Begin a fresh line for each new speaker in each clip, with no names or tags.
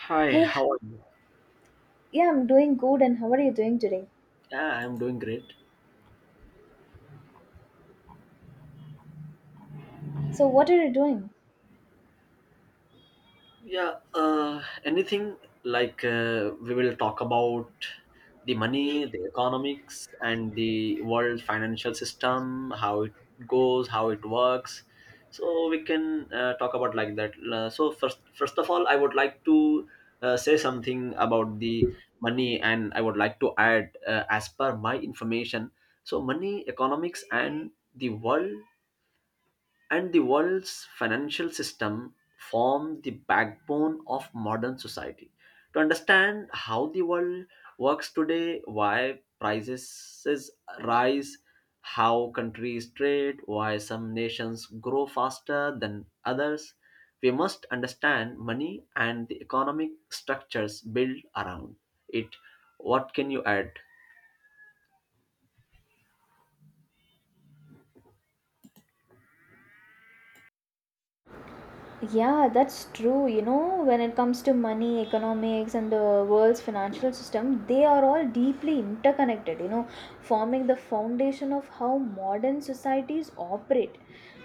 Hi,
Hey,
how are you?
yeah, I'm doing good, and how are you doing today?
Yeah, I'm doing great.
So, what are you doing?
Yeah, anything like we will talk about the money, the economics, and the world financial system, how it goes, how it works. So we can talk about like that. So first of all, I would like to say something about the money, and I would like to add, as per my information, so money, economics, and the world's financial system form the backbone of modern society. To understand how the world works today, why prices rise, how countries trade, why some nations grow faster than others, we must understand money and the economic structures built around it. What can you add?
Yeah, that's true. You know, when it comes to money, economics, and the world's financial system, they are all deeply interconnected, you know, forming the foundation of how modern societies operate.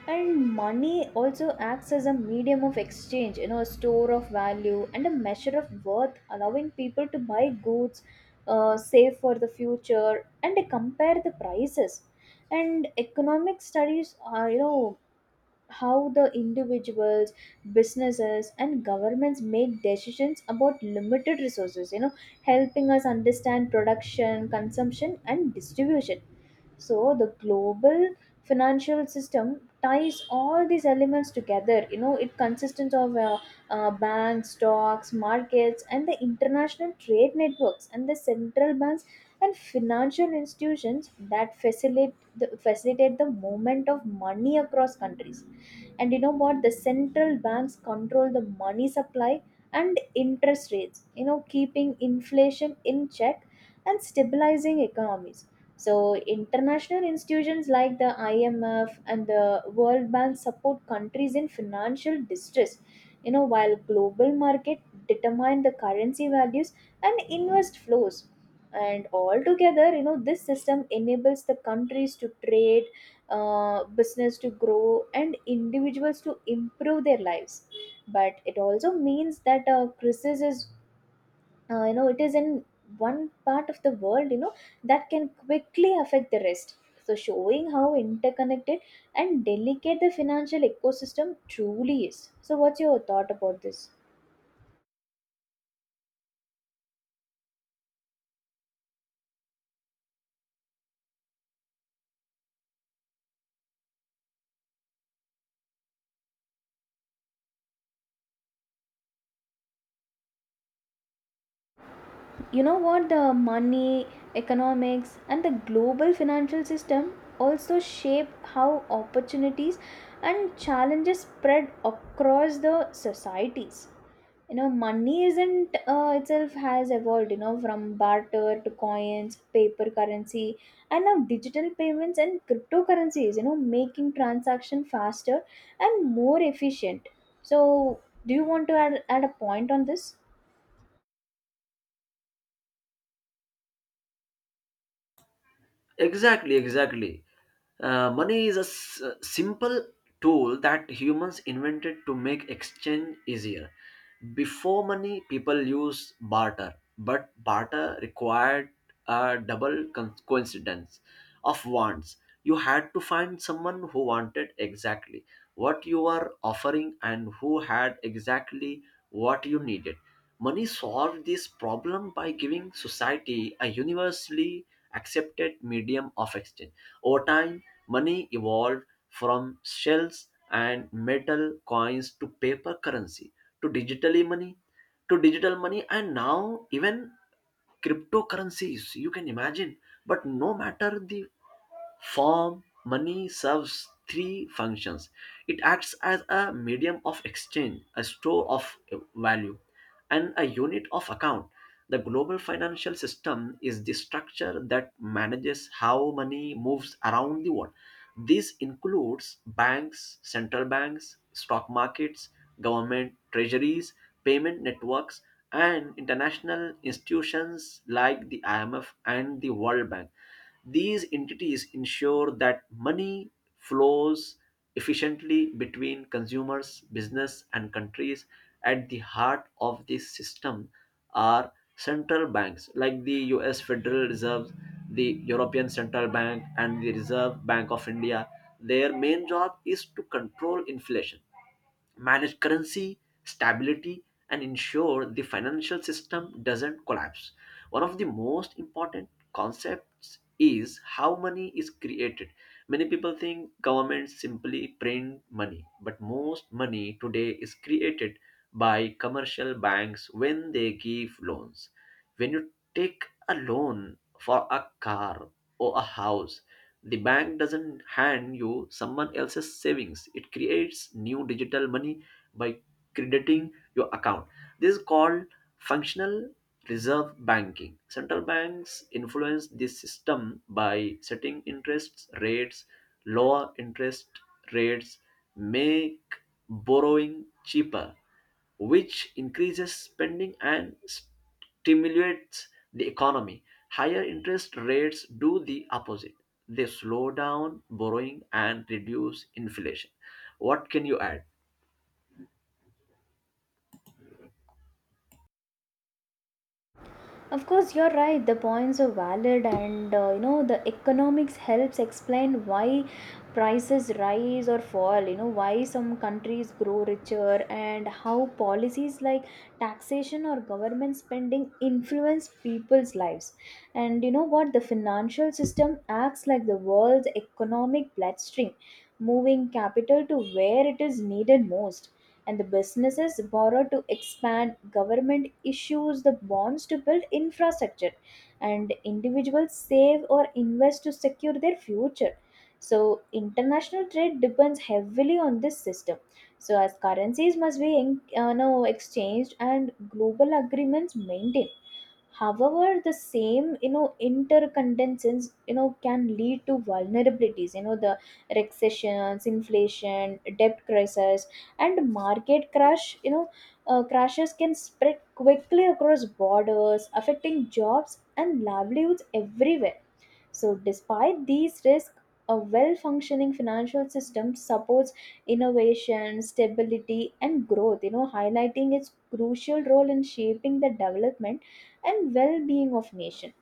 And money also acts as a medium of exchange, you know, a store of value and a measure of worth, allowing people to buy goods, save for the future, and compare the prices. And economic studies are, you know, how the individuals, businesses and governments make decisions about limited resources, you know, helping us understand production, consumption and distribution. So the global financial system ties all these elements together, you know. It consists of banks, stocks markets and the international trade networks, and the central banks and financial institutions that facilitate the movement of money across countries. And you know what, the central banks control the money supply and interest rates, you know, keeping inflation in check and stabilizing economies. So international institutions like the IMF and the World Bank support countries in financial distress, you know, while global market determine the currency values and invest flows. And altogether, you know, this system enables the countries to trade, business to grow, and individuals to improve their lives. But it also means that crisis is, you know, it is in one part of the world, you know, that can quickly affect the rest, so showing how interconnected and delicate the financial ecosystem truly is. So what's your thought about this? You know what, the money, economics and the global financial system also shape how opportunities and challenges spread across the societies. You know, money isn't itself has evolved, you know, from barter to coins, paper currency, and now digital payments and cryptocurrencies, you know, making transaction faster and more efficient. So do you want to add a point on this?
Exactly, exactly. Money is a simple tool that humans invented to make exchange easier. Before money, people used barter, but barter required a coincidence of wants. You had to find someone who wanted exactly what you were offering and who had exactly what you needed. Money solved this problem by giving society a universally accepted medium of exchange. Over time, money evolved from shells and metal coins to paper currency to digitally money to digital money, and now even cryptocurrencies you can imagine. But no matter the form, money serves three functions: it acts as a medium of exchange, a store of value, and a unit of account. The global financial system is the structure that manages how money moves around the world. This includes banks, central banks, stock markets, government treasuries, payment networks, and international institutions like the IMF and the World Bank. These entities ensure that money flows efficiently between consumers, business, and countries. At the heart of this system are central banks like the US Federal Reserve, the European Central Bank, and the Reserve Bank of India. Their main job is to control inflation, manage currency stability, and ensure the financial system doesn't collapse. One of the most important concepts is how money is created. Many people think governments simply print money, but most money today is created by commercial banks when they give loans. When you take a loan for a car or a house, the bank doesn't hand you someone else's savings. It creates new digital money by crediting your account. This is called Functional reserve banking. Central banks influence this system by setting interest rates. Lower interest rates make borrowing cheaper, which increases spending and stimulates the economy. Higher interest rates do the opposite. They slow down borrowing and reduce inflation. What can you add?
Of course, you're right. The points are valid, and you know, the economics helps explain why prices rise or fall. You know why some countries grow richer, and how policies like taxation or government spending influence people's lives. And you know what? The financial system acts like the world's economic bloodstream, moving capital to where it is needed most, and the businesses borrow to expand, government issues the bonds to build infrastructure, and individuals save or invest to secure their future. So international trade depends heavily on this system, so as currencies must be in, no, exchanged and global agreements maintained. However, the same, you know, interconnections, you know, can lead to vulnerabilities. You know, the recessions, inflation, debt crisis and market crash, you know, crashes can spread quickly across borders, affecting jobs and livelihoods everywhere. So, despite these risks, a well functioning financial system supports innovation, stability, and growth, you know, highlighting its crucial role in shaping the development and well being of nation.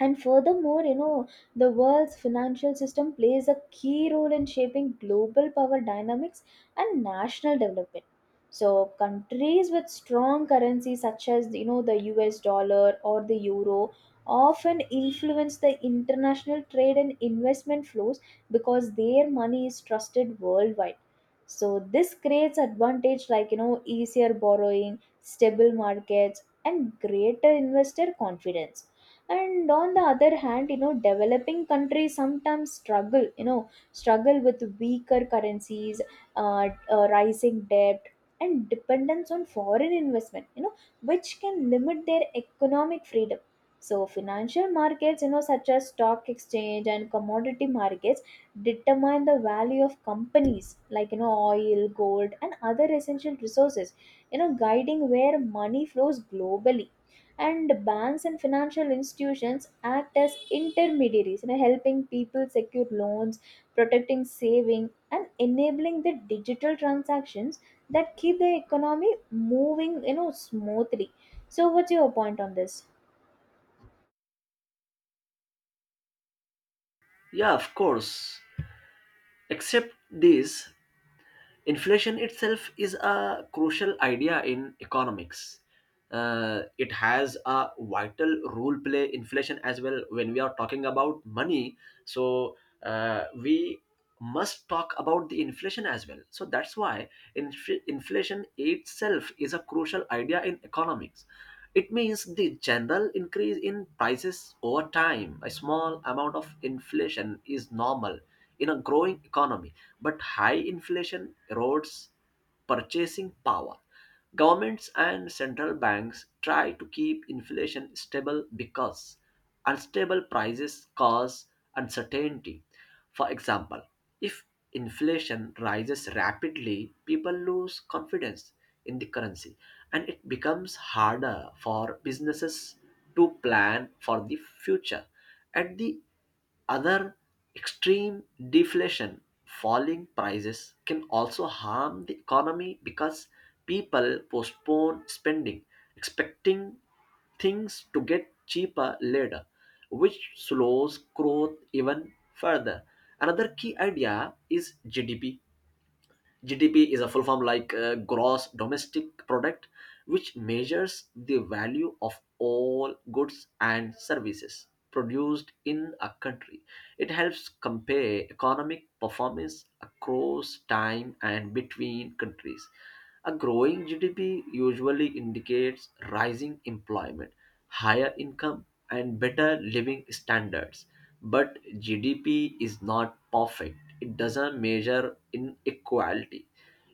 And furthermore, you know, the world's financial system plays a key role in shaping global power dynamics and national development. So, countries with strong currencies such as, you know, the US dollar or the euro often influence the international trade and investment flows because their money is trusted worldwide. So, this creates advantage like, you know, easier borrowing, stable markets, and greater investor confidence. And on the other hand, you know, developing countries sometimes struggle you know struggle with weaker currencies, rising debt and dependence on foreign investment, you know, which can limit their economic freedom. So financial markets, you know, such as stock exchange and commodity markets, determine the value of companies like, you know, oil, gold and other essential resources, you know, guiding where money flows globally. And banks and financial institutions act as intermediaries, you know, helping people secure loans, protecting saving and enabling the digital transactions that keep the economy moving, you know, smoothly. So what's your point on this?
Yeah, of course. Except this, inflation itself is a crucial idea in economics. It has a vital role play, inflation as well, when we are talking about money. So we must talk about the inflation as well. So that's why inflation itself is a crucial idea in economics. It means the general increase in prices over time. A small amount of inflation is normal in a growing economy. But high inflation erodes purchasing power. Governments and central banks try to keep inflation stable because unstable prices cause uncertainty. For example, if inflation rises rapidly, people lose confidence in the currency, and it becomes harder for businesses to plan for the future. At the other extreme, deflation, falling prices, can also harm the economy because people postpone spending, expecting things to get cheaper later, which slows growth even further. Another key idea is GDP. GDP is a full form like gross domestic product, which measures the value of all goods and services produced in a country. It helps compare economic performance across time and between countries. A growing GDP usually indicates rising employment, higher income, and better living standards. But GDP is not perfect. It doesn't measure inequality,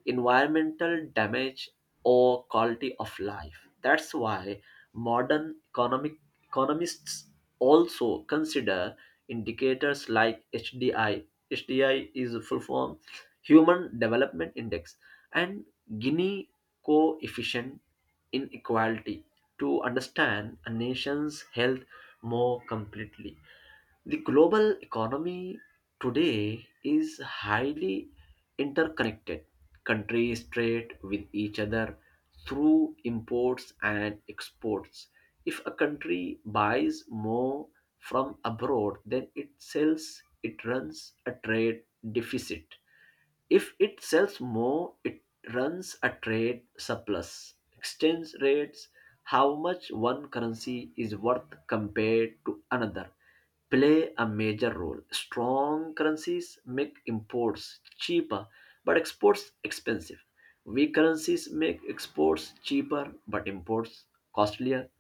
environmental damage, or quality of life. That's why modern economic economists also consider indicators like HDI. HDI is a full form, Human Development Index, and Gini coefficient inequality, to understand a nation's health more completely. The global economy today is highly interconnected. Countries trade with each other through imports and exports. If a country buys more from abroad than it sells, it runs a trade deficit. If it sells more, it runs a trade surplus. Exchange rates, how much one currency is worth compared to another, play a major role. Strong currencies make imports cheaper but exports expensive. Weak currencies make exports cheaper but imports costlier.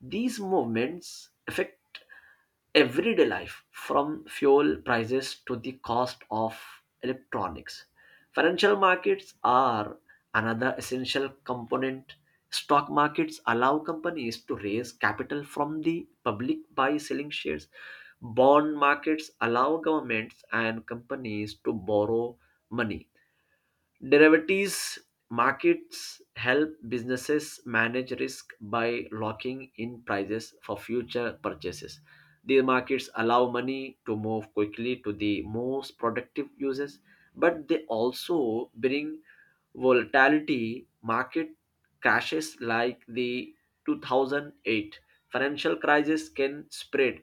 These movements affect everyday life, from fuel prices to the cost of electronics. Financial markets are another essential component. Stock markets allow companies to raise capital from the public by selling shares. Bond markets allow governments and companies to borrow money. Derivatives markets help businesses manage risk by locking in prices for future purchases. These markets allow money to move quickly to the most productive uses, but they also bring volatility. Market crashes like the 2008 financial crisis can spread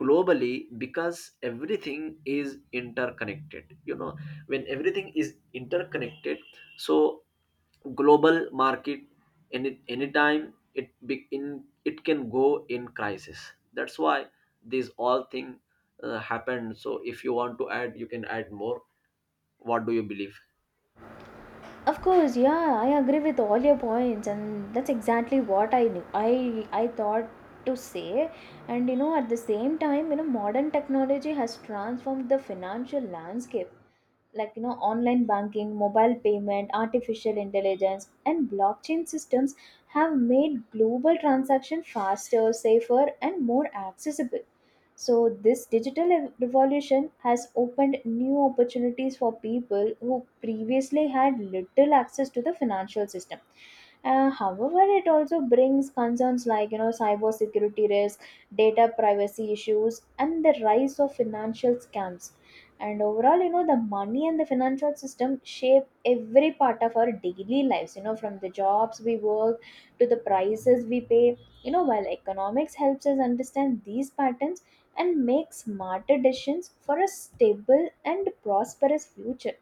globally because everything is interconnected. You know, when everything is interconnected, so global market, anytime it be in it can go in crisis. That's why these all thing happen. So if you want to add, you can add more. What do you believe?
Of course, yeah, I agree with all your points, and that's exactly what I knew I thought to say. And you know, at the same time, you know, modern technology has transformed the financial landscape, like you know, online banking, mobile payment, artificial intelligence, and blockchain systems have made global transaction faster, safer, and more accessible. So, this revolution has opened new opportunities for people who previously had little access to the financial system. However, it also brings concerns like you know cyber security risk, data privacy issues, and the rise of financial scams. And overall, you know, the money and the financial system shape every part of our daily lives. You know, from the jobs we work to the prices we pay, you know, while economics helps us understand these patterns and make smarter decisions for a stable and prosperous future.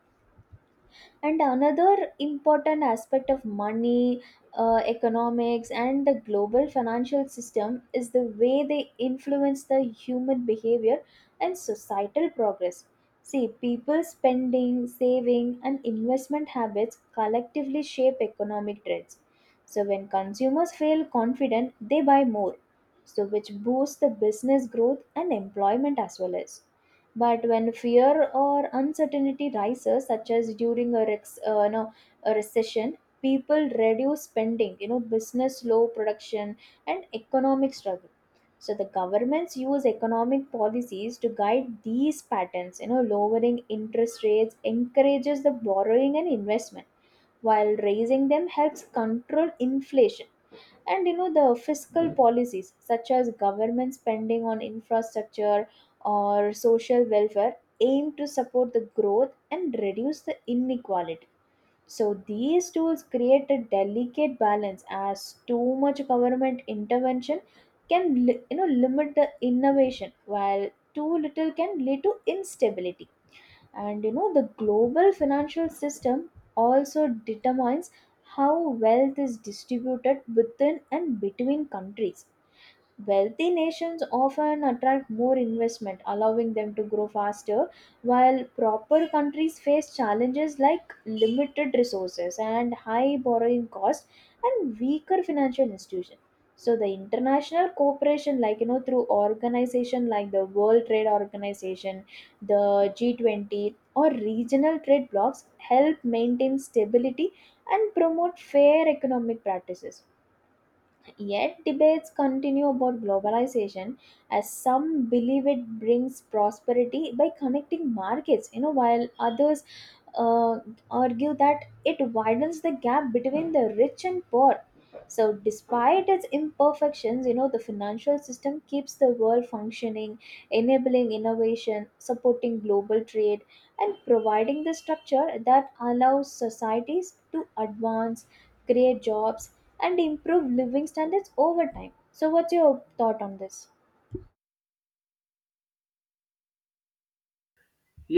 And another important aspect of money, economics and the global financial system is the way they influence the human behavior and societal progress. See, people's spending, saving and investment habits collectively shape economic trends. So when consumers feel confident they buy more, so which boosts the business growth and employment as well. As but when fear or uncertainty rises, such as during you know, a recession, people reduce spending, you know, business slow production and economic struggle. So the governments use economic policies to guide these patterns, you know, lowering interest rates encourages the borrowing and investment, while raising them helps control inflation. And you know, the fiscal policies such as government spending on infrastructure or social welfare aim to support the growth and reduce the inequality. So these tools create a delicate balance, as too much government intervention can you know limit the innovation, while too little can lead to instability. And you know, the global financial system also determines how wealth is distributed within and between countries. Wealthy nations often attract more investment, allowing them to grow faster, while proper countries face challenges like limited resources and high borrowing costs and weaker financial institutions. So the international cooperation, like you know, through organization like the World Trade Organization, the G20, or regional trade blocs, help maintain stability and promote fair economic practices. Yet debates continue about globalization, as some believe it brings prosperity by connecting markets, you know, while others uh, argue that it widens the gap between the rich and poor. So, despite its imperfections, you know, the financial system keeps the world functioning, enabling innovation, supporting global trade, and providing the structure that allows societies to advance, create jobs, and improve living standards over time. So, what's your thought on this?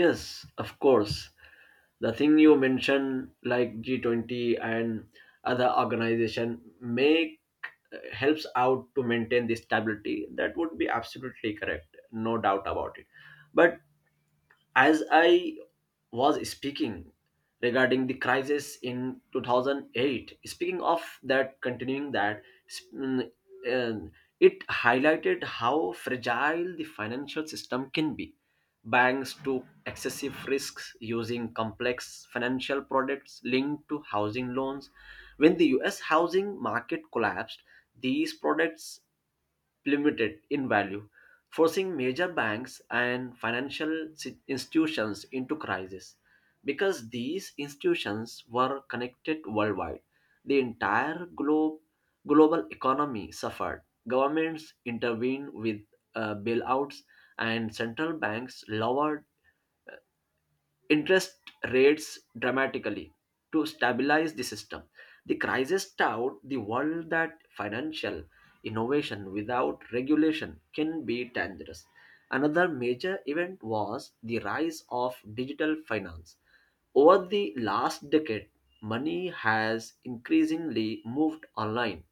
Yes, of course. The thing you mentioned like G20 and other organization make helps out to maintain this stability, that would be absolutely correct, no doubt about it. But as I was speaking regarding the crisis in 2008, speaking of that, continuing that, sp- mm, um, it highlighted how fragile the financial system can be. Banks took excessive risks using complex financial products linked to housing loans. When the US housing market collapsed, these products plummeted in value, forcing major banks and institutions into crisis. Because these institutions were connected worldwide, the entire globe, global economy suffered. Governments intervened with bailouts, and central banks lowered interest rates dramatically to stabilize the system. The crisis taught the world that financial innovation without regulation can be dangerous. Another major event was the rise of digital finance. Over the last decade, money has increasingly moved online.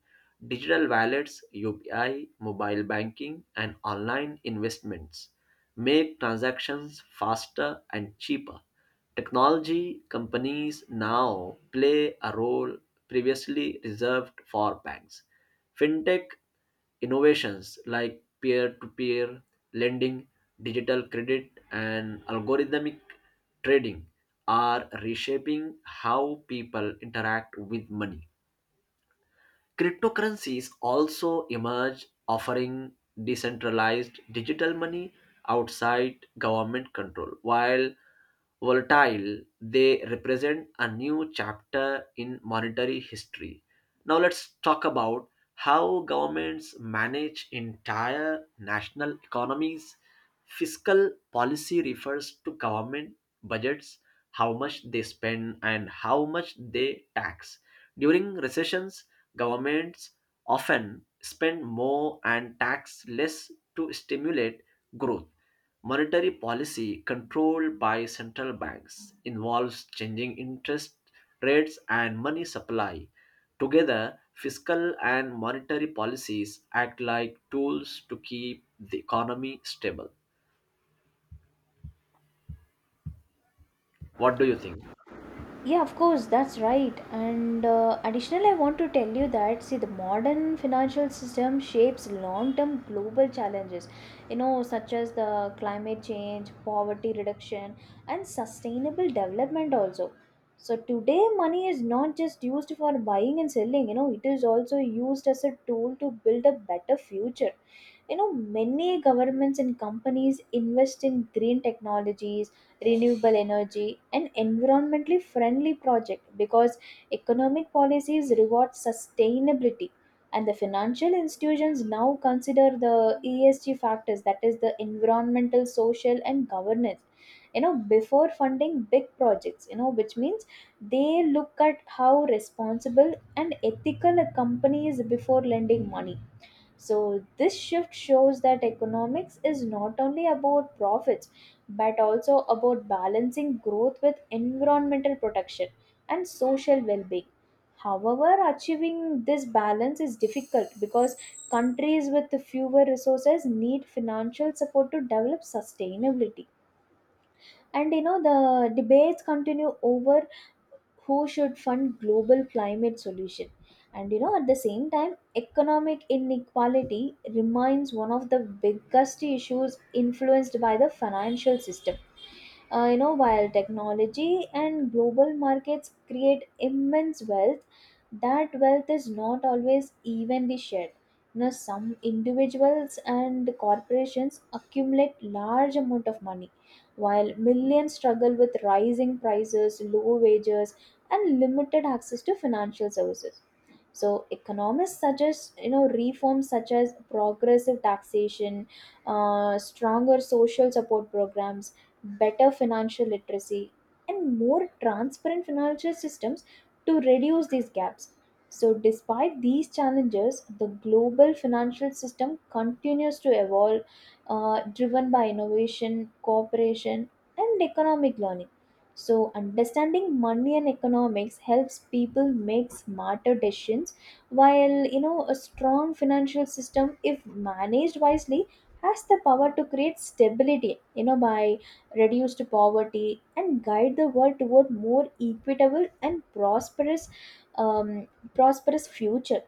Digital wallets, UPI, mobile banking, and online investments make transactions faster and cheaper. Technology companies now play a role previously reserved for banks. Fintech innovations like peer to peer lending, digital credit, and algorithmic trading are reshaping how people interact with money. Cryptocurrencies also emerge, offering decentralized digital money outside government control. While volatile, they represent a new chapter in monetary history. Now let's talk about how governments manage entire national economies. Fiscal policy refers to government budgets, how much they spend and how much they tax. During recessions, governments often spend more and tax less to stimulate growth. Monetary policy, controlled by central banks, involves changing interest rates and money supply. Together, fiscal and monetary policies act like tools to keep the economy stable. What do you think?
Yeah, of course, that's right. And additionally, I want to tell you that, see, the modern financial system shapes long-term global challenges, you know, such as the climate change, poverty reduction, and sustainable development also. So today, money is not just used for buying and selling. You know, it is also used as a tool to build a better future. You know, many governments and companies invest in green technologies, renewable energy, and environmentally friendly project, because economic policies reward sustainability, and the financial institutions now consider the ESG factors, that is the environmental, social and governance, you know, before funding big projects. You know, which means they look at how responsible and ethical a company is before lending money. So, this shift shows that economics is not only about profits, but also about balancing growth with environmental protection and social well being. However, achieving this balance is difficult because countries with fewer resources need financial support to develop sustainability. And you know, the debates continue over who should fund global climate solution. And you know, at the same time, economic inequality remains one of the biggest issues influenced by the financial system. You know, while technology and global markets create immense wealth, that wealth is not always evenly shared. You know, some individuals and corporations accumulate large amount of money, while millions struggle with rising prices, low wages, and limited access to financial services. So economists suggest, you know, reforms such as progressive taxation, stronger social support programs, better financial literacy, and more transparent financial systems to reduce these gaps. So, despite these challenges, the global financial system continues to evolve, driven by innovation, cooperation, and economic learning. So, understanding money and economics helps people make smarter decisions, while you know a strong financial system, if managed wisely, has the power to create stability. You know, by reduced poverty, and guide the world toward more equitable and um, prosperous future.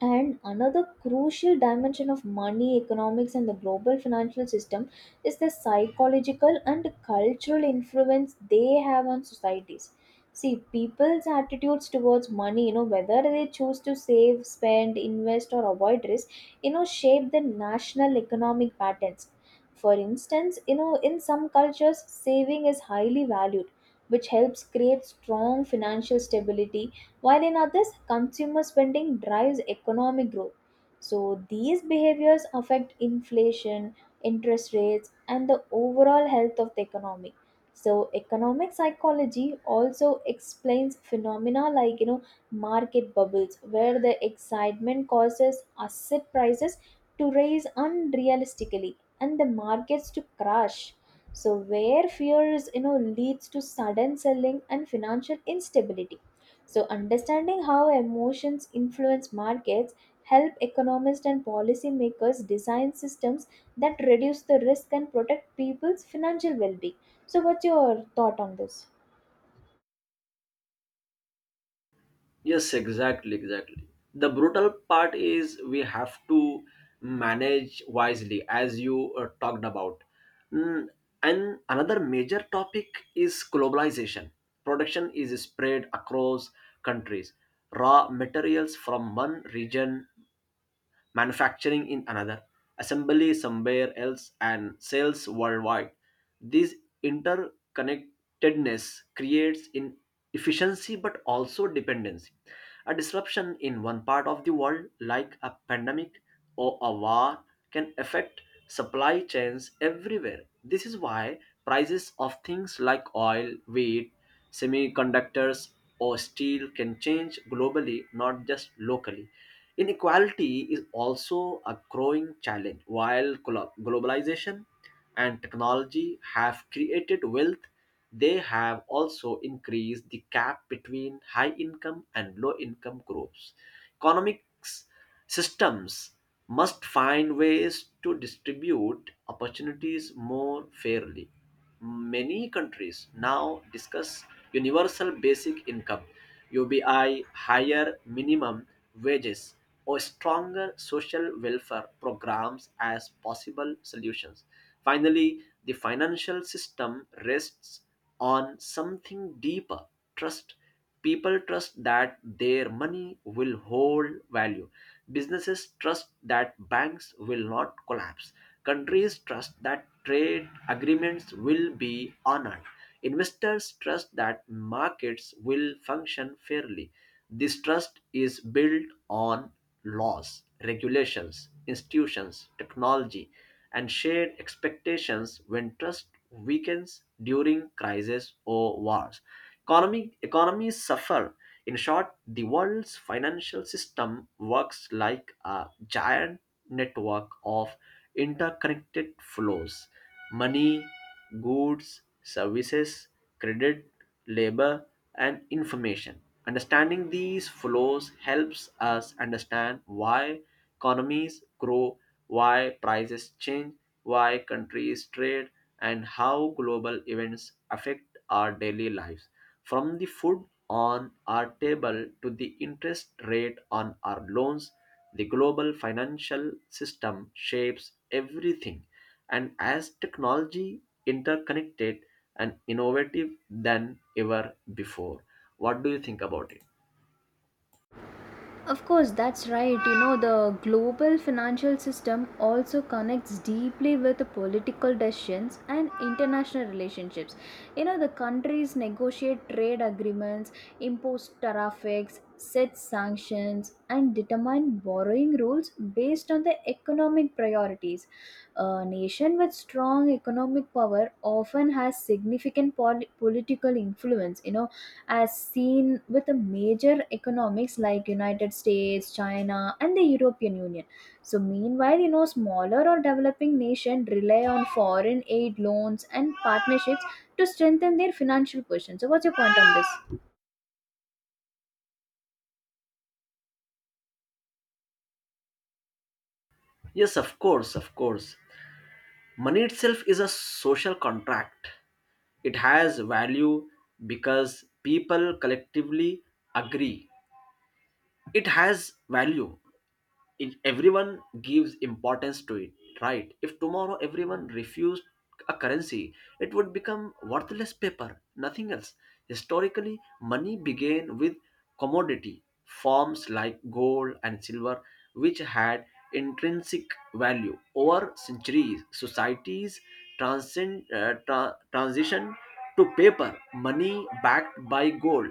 And another crucial dimension of money, economics, and the global financial system is the psychological and cultural influence they have on societies. See, people's attitudes towards money, you know, whether they choose to save, spend, invest, or avoid risk, you know, shape the national economic patterns. For instance, you know, in some cultures, saving is highly valued, which helps create strong financial stability, while in others, consumer spending drives economic growth. So these behaviors affect inflation, interest rates, and the overall health of the economy. So economic psychology also explains phenomena like, you know, market bubbles, where the excitement causes asset prices to rise unrealistically and the markets to crash. So where fears, you know, leads to sudden selling and financial instability. So, understanding how emotions influence markets help economists and policymakers design systems that reduce the risk and protect people's financial well-being. So, what's your thought on this?
Yes, exactly, exactly. The brutal part is we have to manage wisely, as you talked about. Mm, and another major topic is globalization. Production is spread across countries. Raw materials from one region, manufacturing in another, assembly somewhere else, and sales worldwide. This interconnectedness creates inefficiency but also dependency. A disruption in one part of the world, like a pandemic or a war, can affect supply chains everywhere. This is why prices of things like oil, wheat, semiconductors, or steel can change globally, not just locally. Inequality is also a growing challenge. While globalization and technology have created wealth, they have also increased the gap between high income and low income groups. Economics systems must find ways to distribute opportunities more fairly. Many countries now discuss universal basic income, UBI, higher minimum wages, or stronger social welfare programs as possible solutions. Finally, the financial system rests on something deeper: trust. People trust that their money will hold value. Businesses trust that banks will not collapse. Countries trust that trade agreements will be honored. Investors trust that markets will function fairly. This trust is built on laws, regulations, institutions, technology, and shared expectations. When trust weakens during crises or wars, economies suffer. In short, the world's financial system works like a giant network of interconnected flows: money, goods, services, credit, labor, and information. Understanding these flows helps us understand why economies grow, why prices change, why countries trade, and how global events affect our daily lives. From the food on our table to the interest rate on our loans, the global financial system shapes everything. And as technology interconnected and innovative than ever before, what do you think about it?
Of course, that's right. You know, the global financial system also connects deeply with the political decisions and international relationships. You know, the countries negotiate trade agreements, impose tariffs, set sanctions, and determine borrowing rules based on the economic priorities. A nation with strong economic power often has significant political influence. You know, as seen with the major economics like United States, China and the European Union. So meanwhile, you know, smaller or developing nations rely on foreign aid, loans and partnerships to strengthen their financial position. So what's your point on this?
Yes, of course, of course. Money itself is a social contract. It has value because people collectively agree it has value, it, everyone gives importance to it, right? If tomorrow everyone refused a currency, it would become worthless paper, nothing else. Historically, money began with commodity forms like gold and silver, which had intrinsic value. Over centuries, societies transition to paper money backed by gold.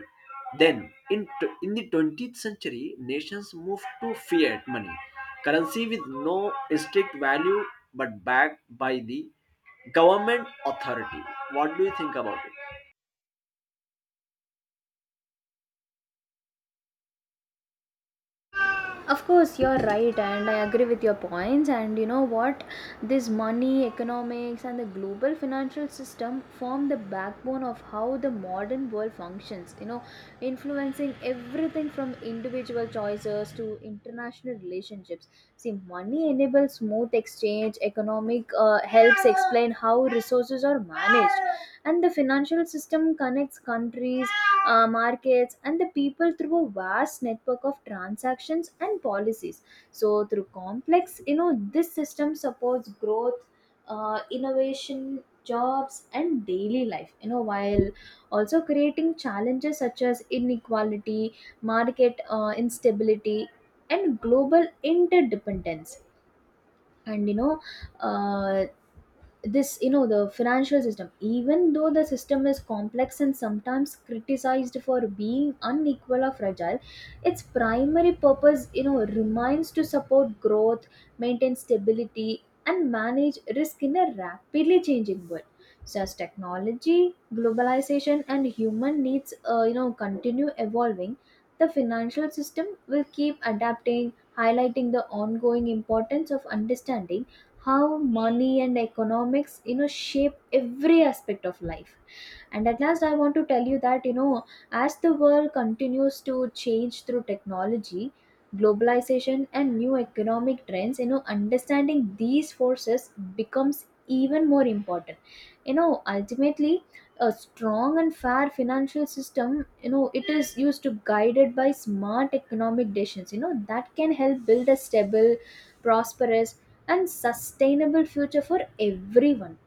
Then in the 20th century, nations moved to fiat money, currency with no strict value but backed by the government authority. What do you think about it?
Of course you're right, and I agree with your points. And you know what, this money, economics and the global financial system form the backbone of how the modern world functions. You know, influencing everything from individual choices to international relationships. See, money enables smooth exchange, economic helps explain how resources are managed, and the financial system connects countries, markets and the people through a vast network of transactions and policies. So through complex, you know, this system supports growth, innovation, jobs and daily life, you know, while also creating challenges such as inequality, market instability and global interdependence. And you know, uh, the financial system, even though the system is complex and sometimes criticized for being unequal or fragile, its primary purpose, you know, remains to support growth, maintain stability and manage risk in a rapidly changing world. So as technology, globalization and human needs, you know, continue evolving, the financial system will keep adapting, highlighting the ongoing importance of understanding how money and economics, you know, shape every aspect of life. And at last I want to tell you that, you know, as the world continues to change through technology, globalization and new economic trends, you know, understanding these forces becomes even more important. You know, ultimately, a strong and fair financial system, you know, it is used to guided by smart economic decisions, you know, that can help build a stable, prosperous and sustainable future for everyone.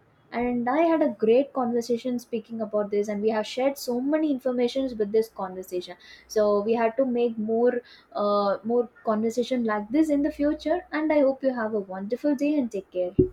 And I had a great conversation speaking about this, and we have shared so many informations with this conversation. So we had to make more conversation like this in the future. And I hope you have a wonderful day and take care.